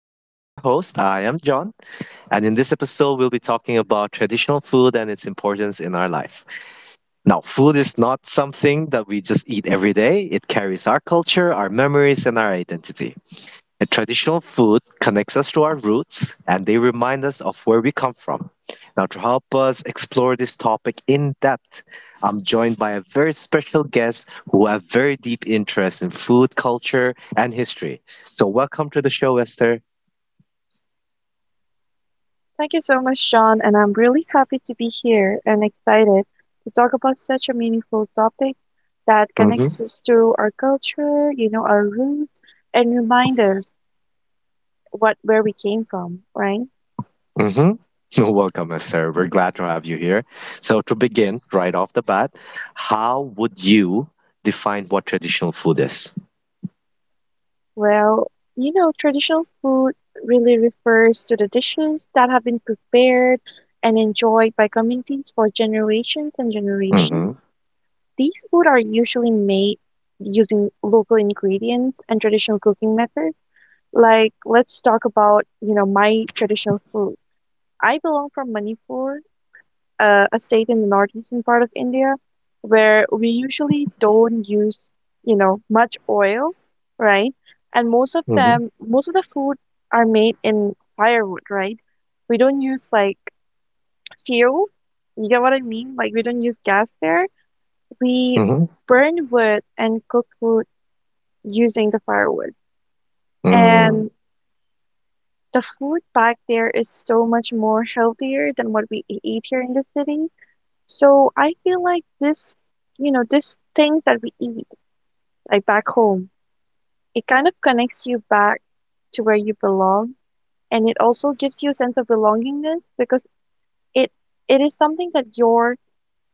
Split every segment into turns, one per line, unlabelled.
I am your host, I am John, and in this episode, we'll be talking about traditional food and its importance in our life. Now, food is not something that we just eat every day, it carries our culture, our memories, and our identity. A traditional food connects us to our roots and they remind us of where we come from. Now, to help us explore this topic in depth, I'm joined by a very special guest who have very deep interest in food, culture, and history. So, welcome to the show, Esther.
Thank you so much, John, and I'm really happy to be here and excited to talk about such a meaningful topic that connects
hmm
us to our culture, you know, our roots, and remind us what where we came from, right?
hmm Welcome, Esther. We're glad to have you here. So, to begin right off the bat, how would you define what traditional food is?
Well, you know, traditional food really refers to the dishes that have been prepared and enjoyed by communities for generations and
hmm hmm
generations. These food are usually made using local ingredients and traditional cooking methods. Like, let's talk about, you know, my traditional food. I belong from Manipur, a state in the northeastern part of India, where we usually don't use, you know, much oil, right? And most of them, most of the food are made in firewood, right? We don't use like fuel. You get what I mean? Like, we don't use gas there. We burn wood and cook food using the firewood.
hmm
And the food back there is so much more healthier than what eat here in the city. So I feel like this, you know, this things that we eat like back home, it kind of connects you back to where you belong, and it also gives you a sense of belongingness because it it is something that your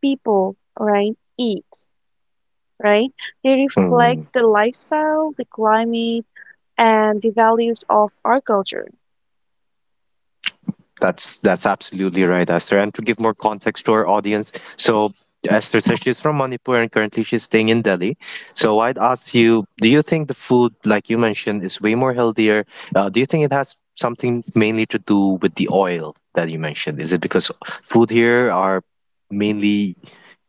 people, right, eat, right? They reflect
mm
the lifestyle, the climate, and the values of our culture.
that's absolutely right, Esther. And to give more context to our audience, so Esther says she's from Manipur and currently she's staying in Delhi. So I'd ask you, do you think the food, like you mentioned, is way more healthier? Do you think it has something mainly to do with the oil that you mentioned? Is it because food here are mainly,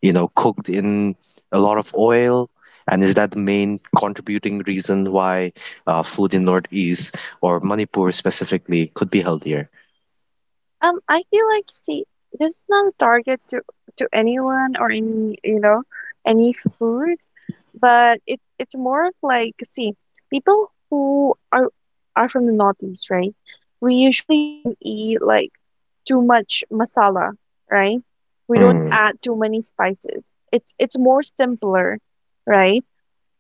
you know, cooked in a lot of oil? And is that the main contributing reason why food in Northeast or Manipur specifically could be healthier?
I feel like, see, this is not a target to anyone or any, you know, any food, but it's more of like, see, people who are from the Northeast, right? We usually don't eat like too much masala, right? We don't add too many spices. It's more simpler, right?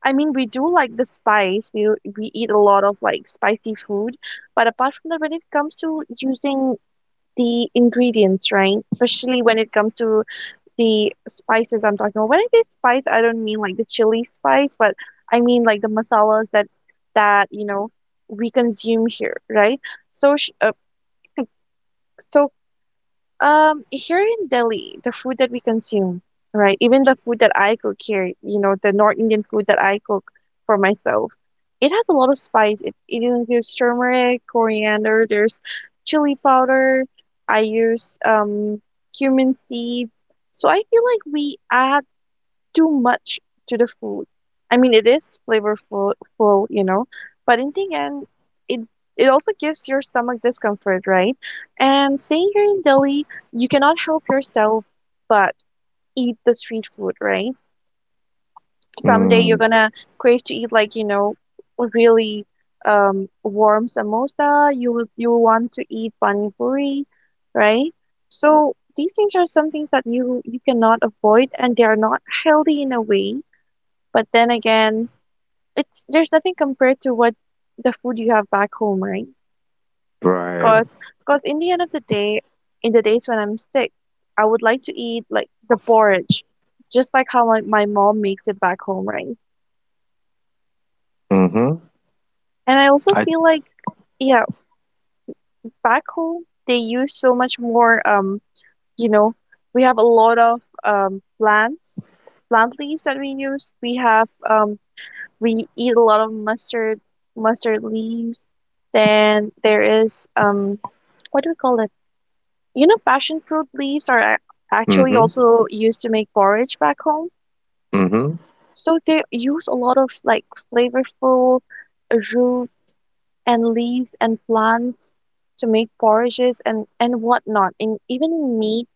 I mean, we do like the spice. We eat a lot of like spicy food, but apart from that, when it comes to using the ingredients, right? Especially when it comes to the spices I'm talking about. When I say spice, I don't mean like the chili spice, but I mean like the masalas that you know we consume here, right? So sh- uh, so here in Delhi, the food that we consume, right? Even the food that I cook here, you know, the North Indian food that I cook for myself, it has a lot of spice. It includes turmeric, coriander, there's chili powder. I use cumin seeds. So I feel like we I too much to the food. I mean, it is flavorful, you know, but in the end, it it also gives your stomach discomfort, right? And staying here in Delhi, you cannot help yourself but eat the street food, right? Someday you're
Mm,
gonna crave to eat like, you know, a really warm samosa. You will want to eat pani puri, right? So these things are some things that you cannot avoid, and they are not healthy in a way, but then again, it's there's nothing compared to what the food you have back home, right?
right.
Cause, Cause in the end of the day, in the days when I'm sick, I would like to eat like the porridge, just like how my mom makes it back home, right?
Mm-hmm.
And I also
I
feel like, yeah, back home they use so much more. You know, we have a lot of plants, plant leaves that we use. We have we eat a lot of mustard leaves. Then there is what do we call it? You know, passion fruit leaves are ac- actually
mm-hmm.
also used to make porridge back home.
Mm-hmm.
So they use a lot of like flavorful root and leaves and plants to make porridges and whatnot. And even in meat,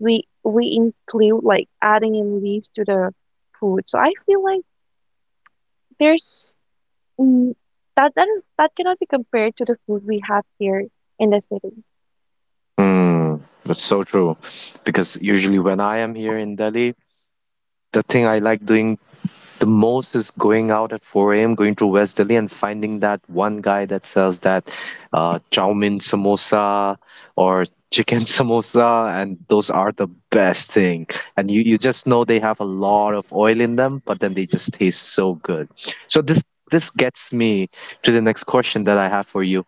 we include like adding in leaves to the food. So I feel like there's Mm, that is that cannot be compared to the food we have here in the city.
Mm. That's so true. Because usually when I am here in Delhi, the thing I like doing the most is going out at 4 a.m., going to West Delhi and finding that one guy that sells that chow mein samosa or chicken samosa, and those are the best thing. And you just know they have a lot of oil in them, but then they just taste so good. So this gets me to the next question that I have for you.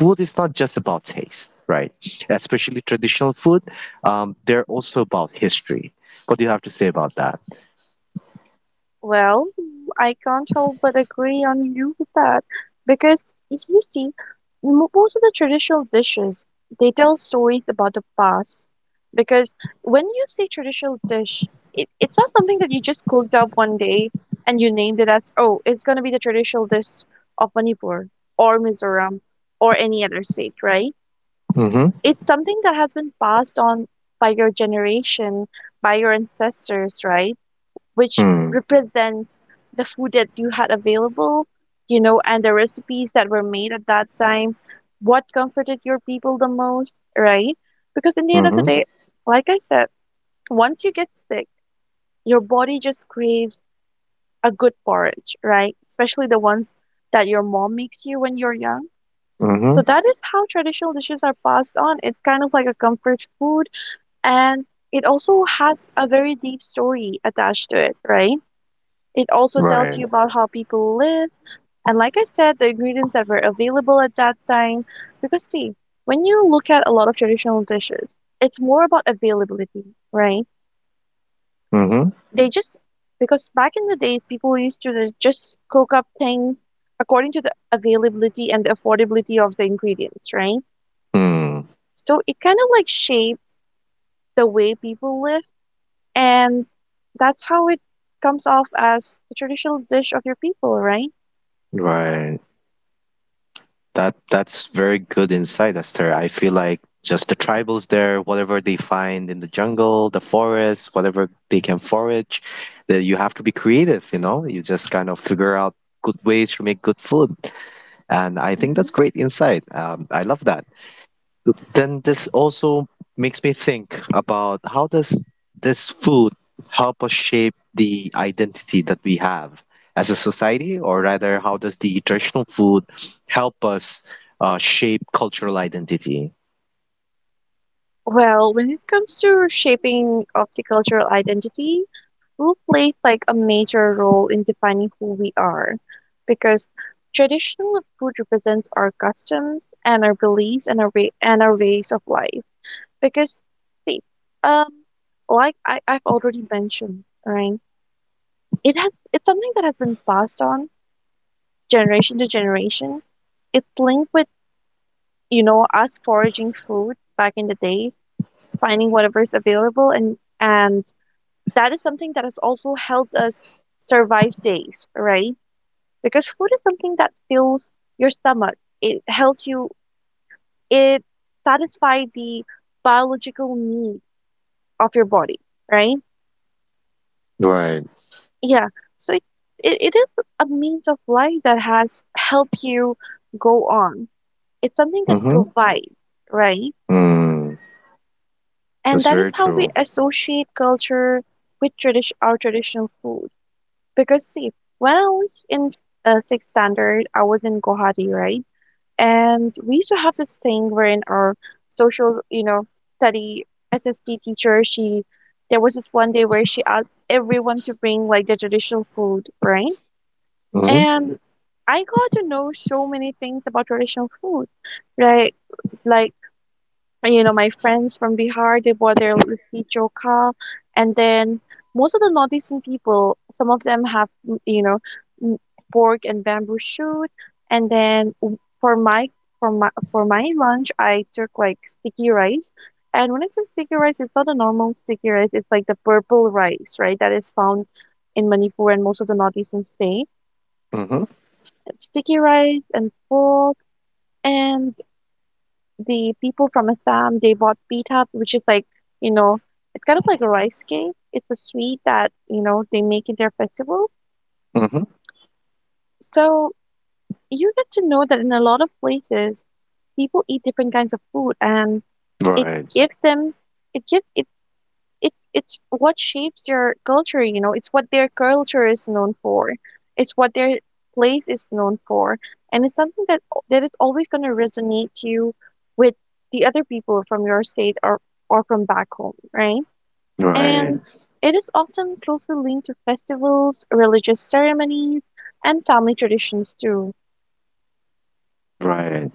Food is not just about taste, right? Especially traditional food, they're also about history. What do you have to say about that?
Well, I can't help but agree on you with that because if you see, most of the traditional dishes they tell stories about the past. Because when you say traditional dish, it's not something that you just cooked up one day and you named it as, oh, it's gonna be the traditional dish of Manipur or Mizoram or any other state, right?
Mm-hmm.
It's something that has been passed on by your generation, by your ancestors, right? Which
Mm-hmm.
represents the food that you had available, you know, and the recipes that were made at that time, what comforted your people the most, right? Because in the end of the day, like I said, once you get sick, your body just craves a good porridge, right? Especially the ones that your mom makes you when you're young. So
Mm-hmm.
that is how traditional dishes are passed on. It's kind of like a comfort food, and it also has a very deep story attached to it, right? It also tells you
Right.
about how people live, and like I said, the ingredients that were available at that time. Because, see, when you look at a lot of traditional dishes, it's more about availability, right?
Mm-hmm.
They just, because back in the days, people used to just cook up things according to the availability and the affordability of the ingredients, right?
Hmm.
So it kind of like shapes the way people live, and that's how it comes off as the traditional dish of your people, right?
Right. That's very good insight, Esther. I feel like just the tribals there, whatever they find in the jungle, the forest, whatever they can forage, that you have to be creative, you know? You just kind of figure out good ways to make good food. And I think
hmm
that's great insight. I love that. Then this also makes me think about how does this food help us shape the identity that we have as a society, or rather, how does the traditional food help us shape cultural identity?
Well, when it comes to shaping of the cultural identity, food plays like a major role in defining who we are because traditional food represents our customs and our beliefs and our ways of life. Because see, um, I've already mentioned, right? It has it's something that has been passed on generation to generation. It's linked with, you know, us foraging food back in the days, finding whatever is available, and that is something that has also helped us survive days, right? Because food is something that fills your stomach. It helps you it satisfies the biological need of your body, right?
Right.
S- Yeah. So it is a means of life that has helped you go on. It's something that
Mm-hmm.
provides, right?
Mm,
And
that's
that
very
is how we
true.
associate culture with tradition, our traditional food. Because see, when I was in sixth standard, I was in Guwahati, right? And we used to have this thing wherein our social, you know, study SST teacher, she there was this one day where she asked everyone to bring like the traditional food, right?
Mm-hmm.
And I got to know so many things about traditional food, right? Like and, you know, my friends from Bihar, they bought their litti chokha. And then most of the northeastern people, some of them have, mm, you know, mm, pork and bamboo shoot. And then for my lunch, I took like sticky rice. And when I say sticky rice, it's not a normal sticky rice. It's like the purple rice, right? That is found in Manipur and most of the northeastern state.
Mm-hmm.
Sticky rice and pork, and the people from Assam, they bought pita, which is like, you know, it's kind of like a rice cake. It's a sweet that, you know, they make in their festivals.
Mm-hmm.
So you get to know that in a lot of places, people eat different kinds of food, and it
Right,
gives them, it gives, it it's what shapes your culture, you know, it's what their culture is known for, it's what their place is known for, and it's something that is always going to resonate to you with the other people from your state or from back home, right? Yeah. And
right,
it is often closely linked to festivals, religious ceremonies, and family traditions too.
right.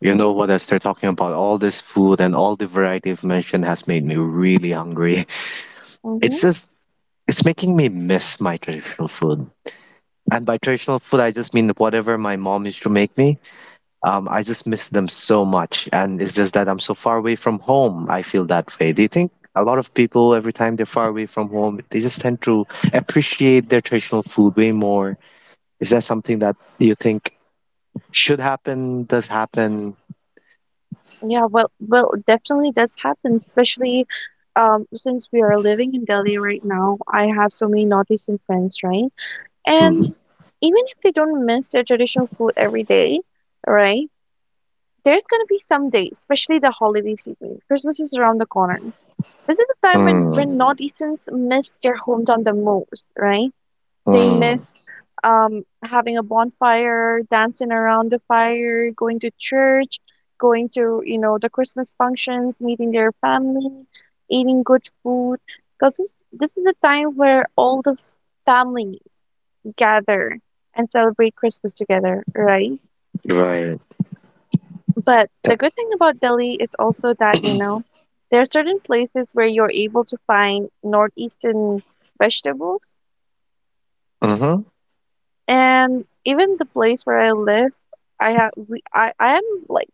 You know what, Esther, talking about all this food and all the variety of mention has made me really hungry. It's
Mhm.
just it's making me miss my traditional food. And by traditional food, I just mean whatever my mom used to make me. I just miss them so much. And it's just that I'm so far away from home. I feel that way. Do you think a lot of people, every time they're far away from home, they just tend to appreciate their traditional food way more? Is that something that you think should happen, does happen?
Yeah, well, definitely does happen, especially since we are living in Delhi right now. I have so many northeastern friends, right? And
Mm,
even if they don't miss their traditional food every day, right? There's gonna be some days, especially the holiday season. Christmas is around the corner. This is the time when
mm,
northeasterns miss their hometown the most, right? They
mm,
miss having a bonfire, dancing around the fire, going to church, going to, you know, the Christmas functions, meeting their family, eating good food. Because this is a time where all the families gather and celebrate Christmas together, right?
right.
But the
That,
good thing about Delhi is also that, you know, there are certain places where you're able to find northeastern vegetables.
uh-huh.
And even the place where I live, I have we, I am like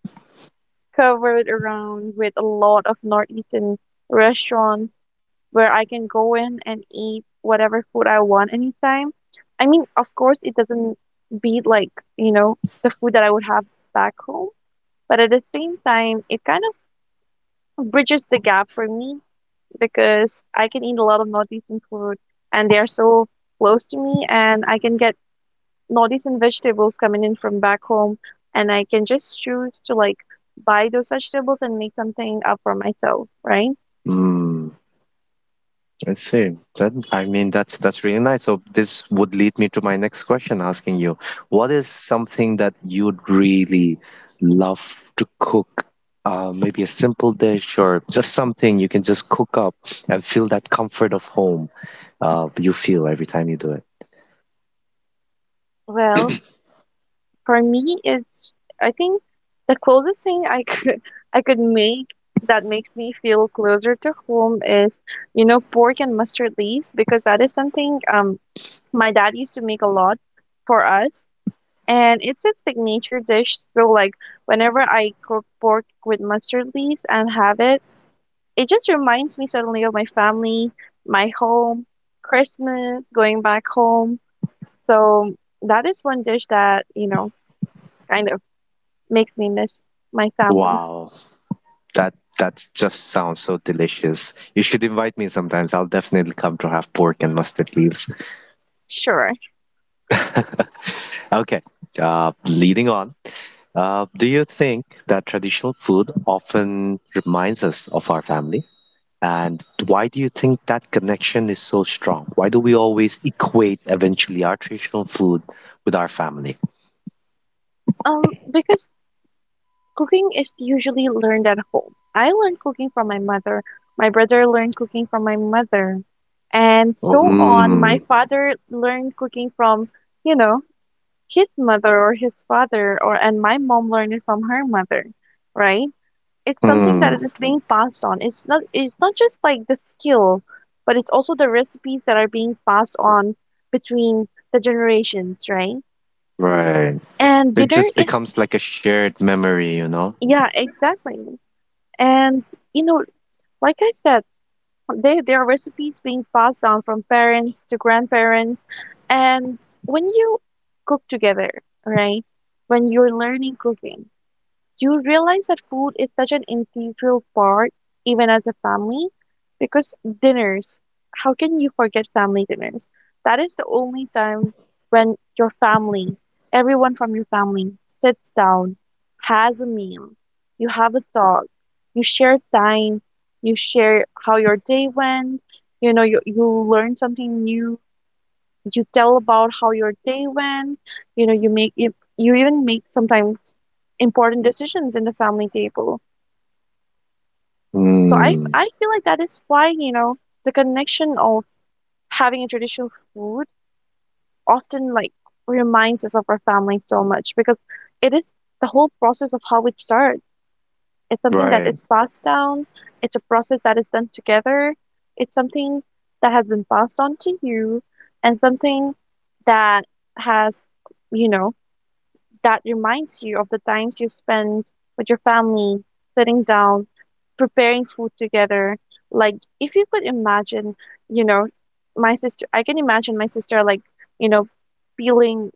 covered around with a lot of northeastern restaurants where I can go in and eat whatever food I want anytime. I mean, of course, it doesn't beat you know, the food that I would have back home, but at the same time, it kind of bridges the gap for me because I can eat a lot of northeastern food and they are so close to me and I can get notice in vegetables coming in from back home, and I can just choose to like buy those vegetables and make something up for myself, right?
Mm. I see. That I mean, that's really nice. So this would lead me to my next question, asking you, what is something that you'd really love to cook? Maybe a simple dish or just something you can just cook up and feel that comfort of home. You feel every time you do it.
Well, for me, it's I think the closest thing I could I could make that makes me feel closer to home is you know pork and mustard leaves because that is something my dad used to make a lot for us, and it's his signature dish. So like whenever I cook pork with mustard leaves and have it, it just reminds me suddenly of my family, my home, Christmas, going back home. So that is one dish that, you know, kind of makes me miss my family.
Wow, that just sounds so delicious. You should invite me sometimes. I'll definitely come to have pork and mustard leaves.
Sure.
Okay, leading on, do you think that traditional food often reminds us of our family? And why do you think that connection is so strong? Why do we always equate eventually our traditional food with our family?
Because cooking is usually learned at home. I learned cooking from my mother. My brother learned cooking from my mother. And so on. My
Mm,
father learned cooking from, you know, his mother or his father, or and my mom learned it from her mother, right? It's something that
mm,
is being passed on. It's not just like the skill, but it's also the recipes that are being passed on between the generations, right?
right.
And
It
dinner
just
is
becomes like a shared memory, you know?
yeah, exactly. And you know, like I said, there are recipes being passed down from parents to grandparents, and when you cook together, right? When you're learning cooking, you realize that food is such an integral part, even as a family, because dinners, how can you forget family dinners? That is the only time when your family, everyone from your family, sits down, has a meal, you have a talk, you share time, you share how your day went, you know, you learn something new, you tell about how your day went, you know you make you even make sometimes important decisions in the family table. So i
Mm,
i feel like that is why you know the connection of having a traditional food often like reminds us of our family so much because it is the whole process of how it starts. It's something that
right.
is passed down, it's a process that is done together, it's something that has been passed on to you, and something that has, you know, that reminds you of the times you spend with your family, sitting down, preparing food together. Like, if you could imagine, you know, my sister, I can imagine my sister, like, you know, peeling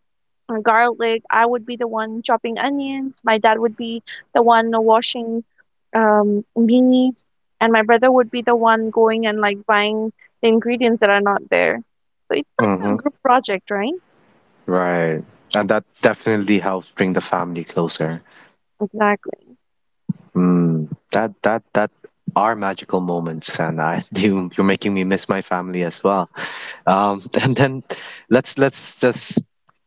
garlic. I would be the one chopping onions. My dad would be the one washing meat. And my brother would be the one going and, like, buying the ingredients that are not there. So it's like a
Mm-hmm,
group project, right?
right. And that definitely helps bring the family closer.
Exactly.
Mm, that are magical moments, and I you you're making me miss my family as well. And then let's just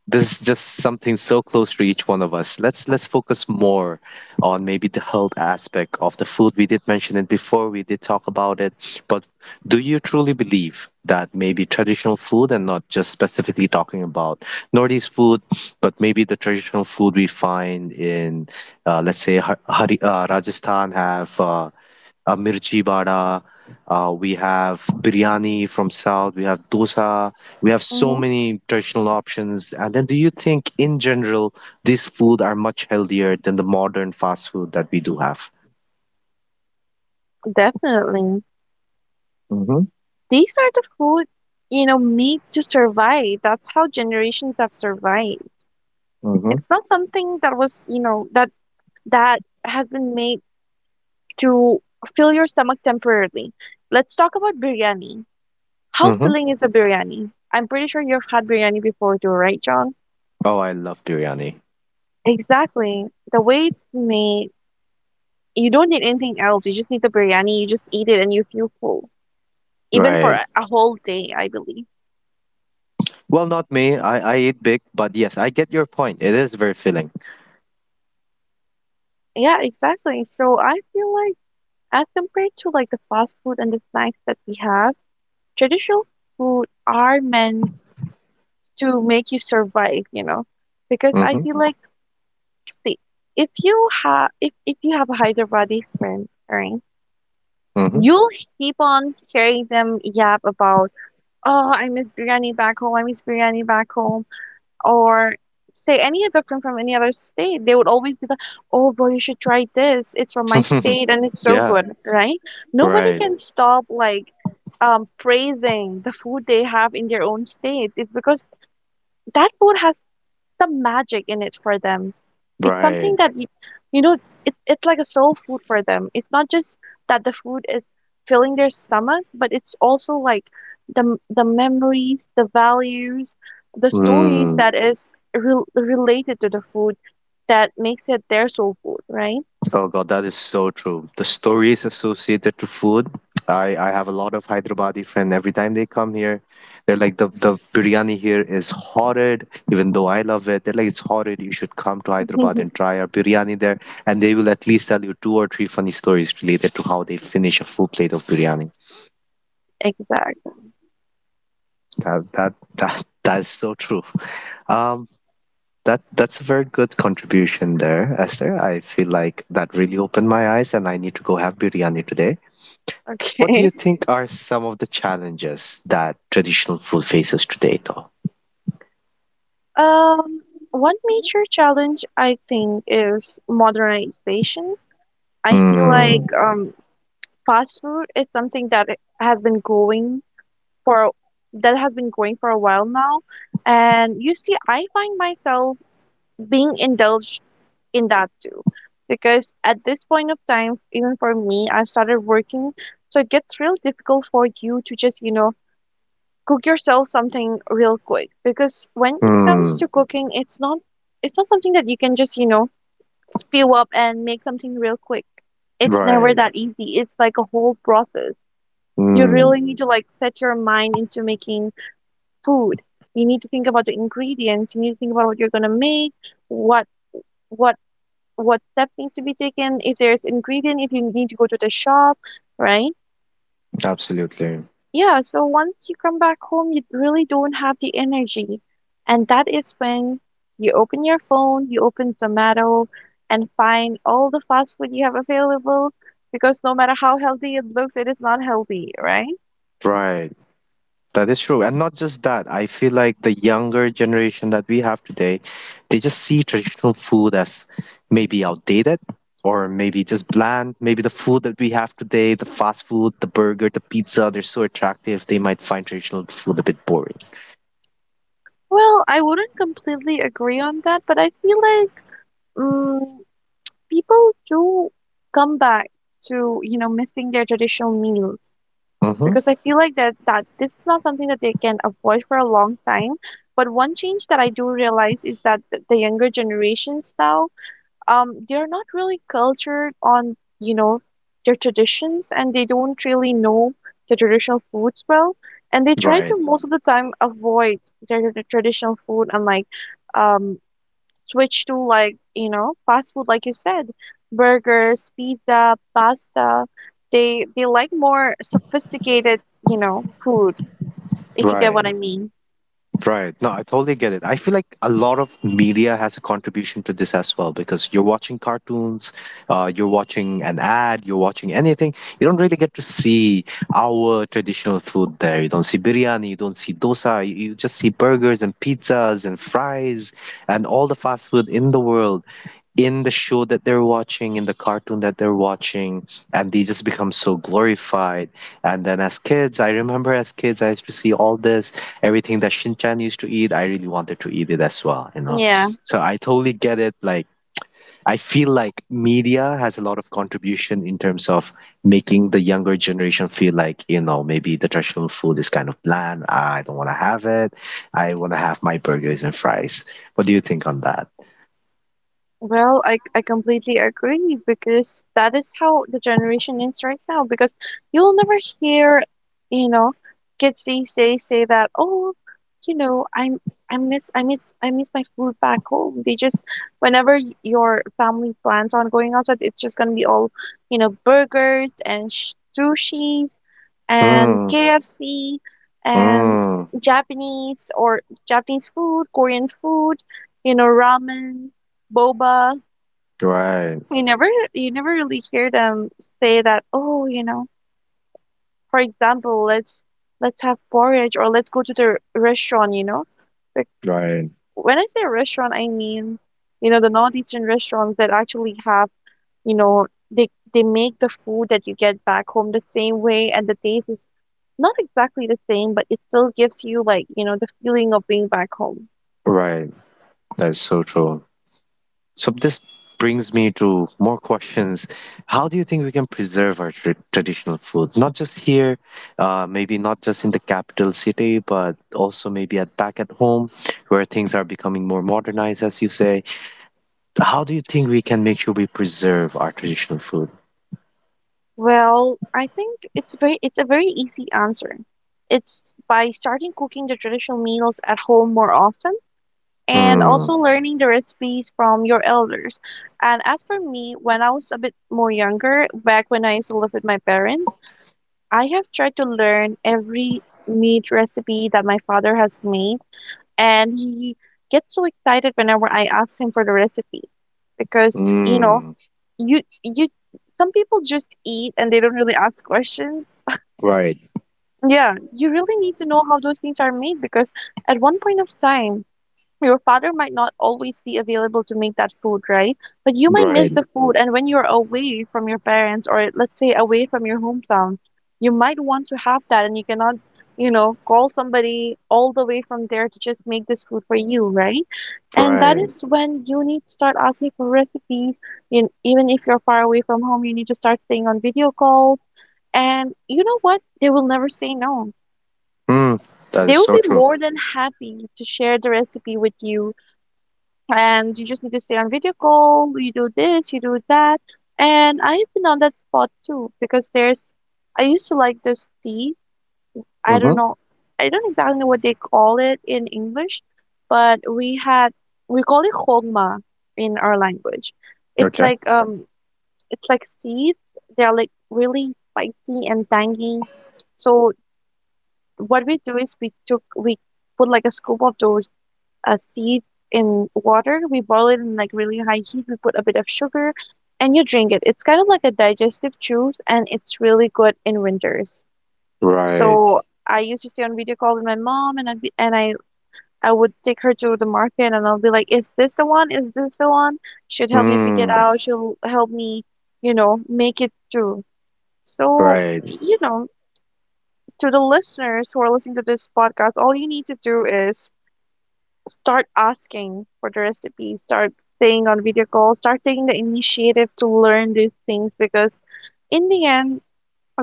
this is just something so close to each one of us. Let's focus more on maybe the health aspect of the food. We did mention it before, we did talk about it, but do you truly believe that maybe traditional food and not just specifically talking about Northeast food, but maybe the traditional food we find in let's say Rajasthan have mirchi vada. We have biryani from south. We have dosa. We have so
Hmm.
many traditional options. And then, do you think in general these food are much healthier than the modern fast food that we do have?
Definitely.
Mm-hmm.
These are the food, you know, need to survive. That's how generations have survived.
Mm-hmm.
It's not something that was, you know, that has been made to fill your stomach temporarily. Let's talk about biryani. How
Mm-hmm.
filling is a biryani? I'm pretty sure you've had biryani before too, right, John?
Oh, I love biryani.
Exactly. The way it's made, you don't need anything else. You just need the biryani, you just eat it and you feel full. Even for
Right.
a whole day, I believe.
Well, not me. I eat big, but yes, I get your point. It is very filling.
Yeah, exactly. So I feel like, as compared to like the fast food and the snacks that we have, traditional food are meant to make you survive, you know, because I
Mm-hmm.
feel like, see, if you have a Hyderabadi friend, right, you'll keep on hearing them yap about, oh, I miss biryani back home, I miss biryani back home. Or say any other from any other state, they would always be like, "Oh, bro, you should try this. It's from my
Mm-hmm.
state and it's so
yeah.
good," right? Nobody
Right.
can stop like praising the food they have in their own state. It's because that food has some magic in it for them. It's something
Right.
that y- you know, it's like a soul food for them. It's not just that the food is filling their stomach, but it's also like the the memories, the values, the stories
Mm.
that is re- related to the food that makes it their soul food, right?
Oh God, that is so true. The stories associated to food. I have a lot of Hyderabadi friends. Every time they come here, they're like the biryani here is horrid. Even though I love it, they're like it's horrid. You should come to Hyderabad and try our biryani there, and they will at least tell you two or three funny stories related to how they finish a full plate of biryani.
Exactly.
That is so true. Um, that's a very good contribution there, Esther. I feel like that really opened my eyes, and I need to go have biryani today. What do
Okay.
you think are some of the challenges that traditional food faces today, though?
Um, One major challenge I think is modernization. I feel like
Mm,
fast food is something that it has been going for that has been going for a while now, and you see I find myself being indulged in that too because at this point of time even for me I've started working, so it gets real difficult for you to just you know cook yourself something real quick because when it comes
mm,
to cooking it's not something that you can just you know spew up and make something real quick, it's never
right.
that easy, it's like a whole process. You
Mm,
really need to like set your mind into making food. You need to think about the ingredients. You need to think about what you're gonna make, what what what steps need to be taken, if there's ingredient, if you need to go to the shop, right?
absolutely.
Yeah, so once you come back home, you really don't have the energy. And that is when you open your phone, you open Zomato and find all the fast food you have available because no matter how healthy it looks, it is not healthy, right?
Right. That is true. And not just that, I feel like the younger generation that we have today, they just see traditional food as maybe outdated or maybe just bland. Maybe the food that we have today, the fast food, the burger, the pizza, they're so attractive, they might find traditional food a bit boring.
Well, I wouldn't completely agree on that, but I feel like mm, people do come back to, you know, missing their traditional meals
Mm-hmm.
because I feel like that this is not something that they can avoid for a long time. But one change that I do realize is that th- the younger generations now they're not really cultured on, you know, their traditions and they don't really know the traditional foods well. And they try
Right.
to most of the time avoid their traditional food and like um, switch to like, you know, fast food, like you said, burgers, pizza, pasta. They like more sophisticated, you know, food, if you get what
Right.
I mean.
Right. No, I totally get it. I feel like a lot of media has a contribution to this as well because you're watching cartoons, you're watching an ad, you're watching anything. You don't really get to see our traditional food there. You don't see biryani, you don't see dosa, you just see burgers and pizzas and fries and all the fast food in the world in the show that they're watching, in the cartoon that they're watching, and they just become so glorified. And then as kids, I remember as kids, I used to see all this, everything that Shinchan used to eat. I really wanted to eat it as well, you know.
Yeah.
So I totally get it. Like, I feel like media has a lot of contribution in terms of making the younger generation feel like, you know, maybe the traditional food is kind of bland. I don't want to have it. I want to have my burgers and fries. What do you think on that?
Well, I completely agree because that is how the generation is right now. Because you'll never hear, you know, kids these days say that, oh, you know, I'm I miss I miss I miss my food back home. They just whenever y- your family plans on going outside, it's just gonna be all, you know, burgers and sh sushis and
Mm,
KFC and
mm.
Japanese or Japanese food, Korean food, you know, ramen boba.
Right,
You never you never really hear them say that, oh, you know, for example, let's have porridge or let's go to the restaurant, you know. Like
right,
when I say restaurant, I mean, you know, the northeastern restaurants that actually have, you know, they make the food that you get back home the same way and the taste is not exactly the same, but it still gives you like, you know, the feeling of being back home.
right. That's so true. So this brings me to more questions. How do you think we can preserve our traditional food? Not just here, maybe not just in the capital city, but also maybe at back at home, where things are becoming more modernized, as you say. How do you think we can make sure we preserve our traditional food?
Well, I think it's a very easy answer. It's by starting cooking the traditional meals at home more often and
Mm,
also learning the recipes from your elders. And as for me, when I was a bit more younger, back when I used to live with my parents, I have tried to learn every meat recipe that my father has made, and he gets so excited whenever I ask him for the recipe because, you know,
mm,
you some people just eat and they don't really ask questions.
right,
Yeah, you really need to know how those things are made because at one point of time, your father might not always be available to make that food, right? But you might miss
right,
the food. And when you're away from your parents, or let's say away from your hometown, you might want to have that and you cannot, you know, call somebody all the way from there to just make this food for you, right? And that
right.
is when you need to start asking for recipes. You, even if you're far away from home, you need to start staying on video calls. And you know what? They will never say no.
Mm, that is
They will
so
be
true.
more than happy to share the recipe with you, and you just need to stay on video call, you do this, you do that. And I've been on that spot too because I used to like this tea. I don't
Mm-hmm.
know, I don't exactly know what they call it in English, but we call it hogma in our language. It's
Okay.
like, um, it's like seeds. They're like really spicy and tangy. So what we do is we put like a scoop of those a seed in water. We boil it in like really high heat. We put a bit of sugar and you drink it. It's kind of like a digestive juice and it's really good in winters.
Right.
So I used to stay on video call with my mom and I'd be, and I would take her to the market and I'll be like, "Is this the one? Is this the one?" She'd help me pick it
Mm.
out. She'll help me, you know, make it through. So,
Right.
you know, to the listeners who are listening to this podcast, all you need to do is start asking for the recipe, start staying on video calls, start taking the initiative to learn these things because in the end,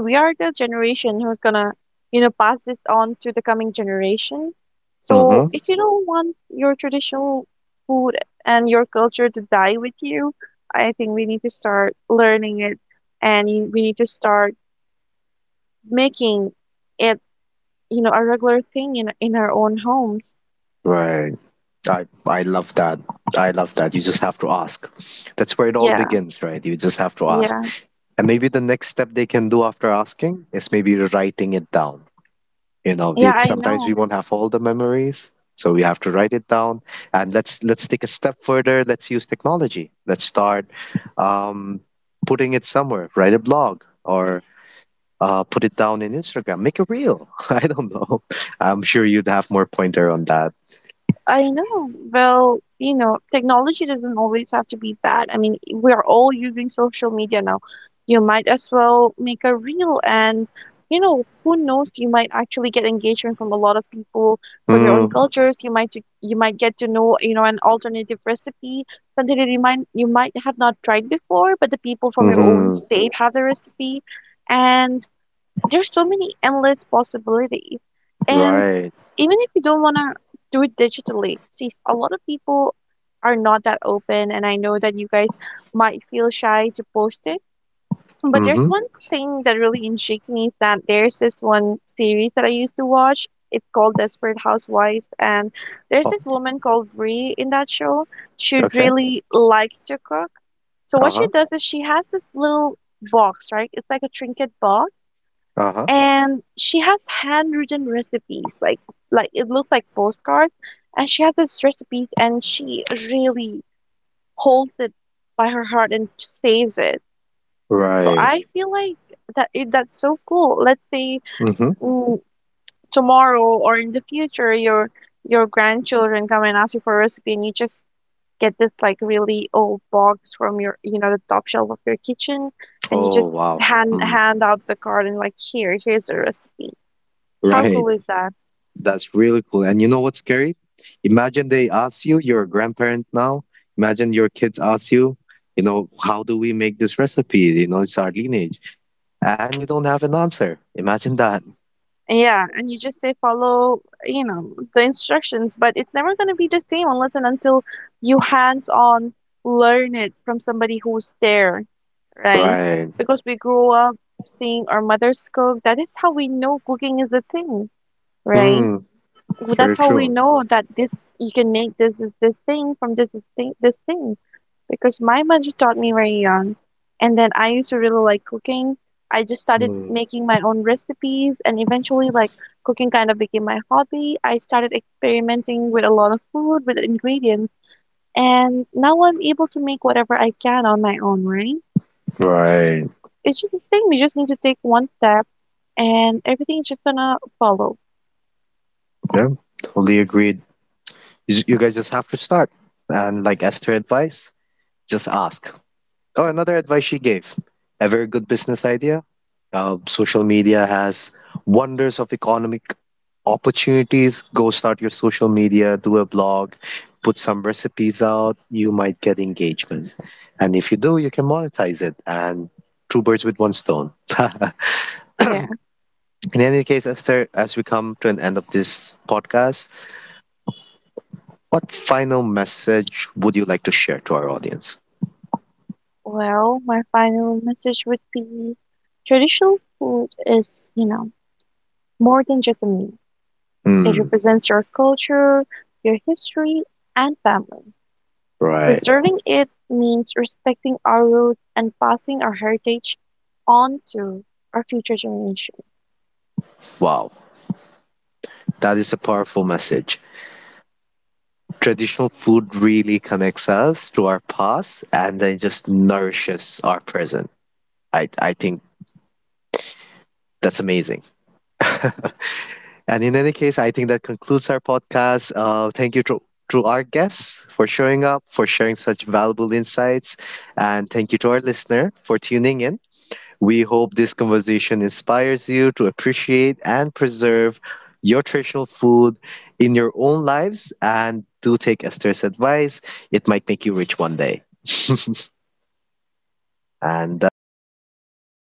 we are the generation who's gonna, pass this on to the coming generation. So
Mm-hmm.
if you don't want your traditional food and your culture to die with you, I think we need to start learning it and we need to start making it, a regular thing in our own homes.
Right. I love that. I love that. You just have to ask. That's where it all
Yeah,
begins, right? You just have to ask.
yeah.
And maybe the next step they can do after asking is maybe writing it down. You know,
Yeah,
they,
I
sometimes we
know.
won't have all the memories, so we have to write it down. And let's take a step further. Let's use technology. Let's start um, putting it somewhere. Write a blog or put it down in Instagram. Make a reel. I don't know. I'm sure you'd have more pointer on that.
I know. Well, you know, technology doesn't always have to be bad. I mean, we are all using social media now. You might as well make a reel and, you know, who knows, you might actually get engagement from a lot of people from your own
Mm,
cultures. You might get to know, you know, an alternative recipe, something that you might have not tried before, but the people from your own
mm-hmm.
state have the recipe. And there's so many endless possibilities. And
Right.
even if you don't want to do it digitally, see, a lot of people are not that open. And I know that you guys might feel shy to post it. But there's
Mm-hmm.
one thing that really intrigues me is that there's this one series that I used to watch. It's called Desperate Housewives, and there's
Oh,
this woman called Brie in that show. She
okay.
really likes to cook. So what she
Uh-huh.
does is she has this little box, right? It's like a trinket box
Uh-huh.
and she has handwritten recipes like it looks like postcards and she has this recipes and she really holds it by her heart and saves it. So
Right.
I feel like that's so cool. Let's say
Mm-hmm.
mm, tomorrow or in the future your grandchildren come and ask you for a recipe and you just get this like really old box from your, you know, the top shelf of your kitchen and you
Oh,
just
wow.
hand
Mm,
hand out the card and like here's the recipe. How
right.
cool is that?
That's really cool. And you know what's scary? Imagine they ask you, you're a grandparent now. Imagine your kids ask you, you know, how do we make this recipe? You know, it's our lineage. And you don't have an answer. Imagine that.
Yeah, and you just say follow, you know, the instructions, but it's never going to be the same unless and until you hands-on learn it from somebody who's there, right?
Right.
Because we grew up seeing our mothers cook. That is how we know cooking is a thing, right?
Mm,
That's
very
how we
true.
know that this you can make this is this thing from this is thing this thing, because my mother taught me very young. And then I used to really like cooking. I just started
Mm,
making my own recipes, and eventually, like, cooking kind of became my hobby. I started experimenting with a lot of food, with ingredients, and now I'm able to make whatever I can on my own, right?
right.
It's just the same. You just need to take one step, and everything's just gonna follow.
Yeah. Totally agreed. You guys just have to start. And like as to advice, just ask. Oh, another advice she gave. A very good business idea. Social media has wonders of economic opportunities. Go start your social media, do a blog, put some recipes out. You might get engagement. And if you do, you can monetize it and two birds with one stone.
Yeah.
In any case, Esther, as we come to an end of this podcast, what final message would you like to share to our audience?
Well, my final message would be traditional food is, you know, more than just a meal. It
Mm,
represents your culture, your history, and family.
right.
Preserving it means respecting our roots and passing our heritage on to our future generations.
Wow. That is a powerful message. Traditional food really connects us to our past and then just nourishes our present. I think that's amazing. and in any case, I think that concludes our podcast. Thank you to our guests for showing up, for sharing such valuable insights. And thank you to our listener for tuning in. We hope this conversation inspires you to appreciate and preserve your traditional food in your own lives and do take Esther's advice. It might make you rich one day. And that is it. Please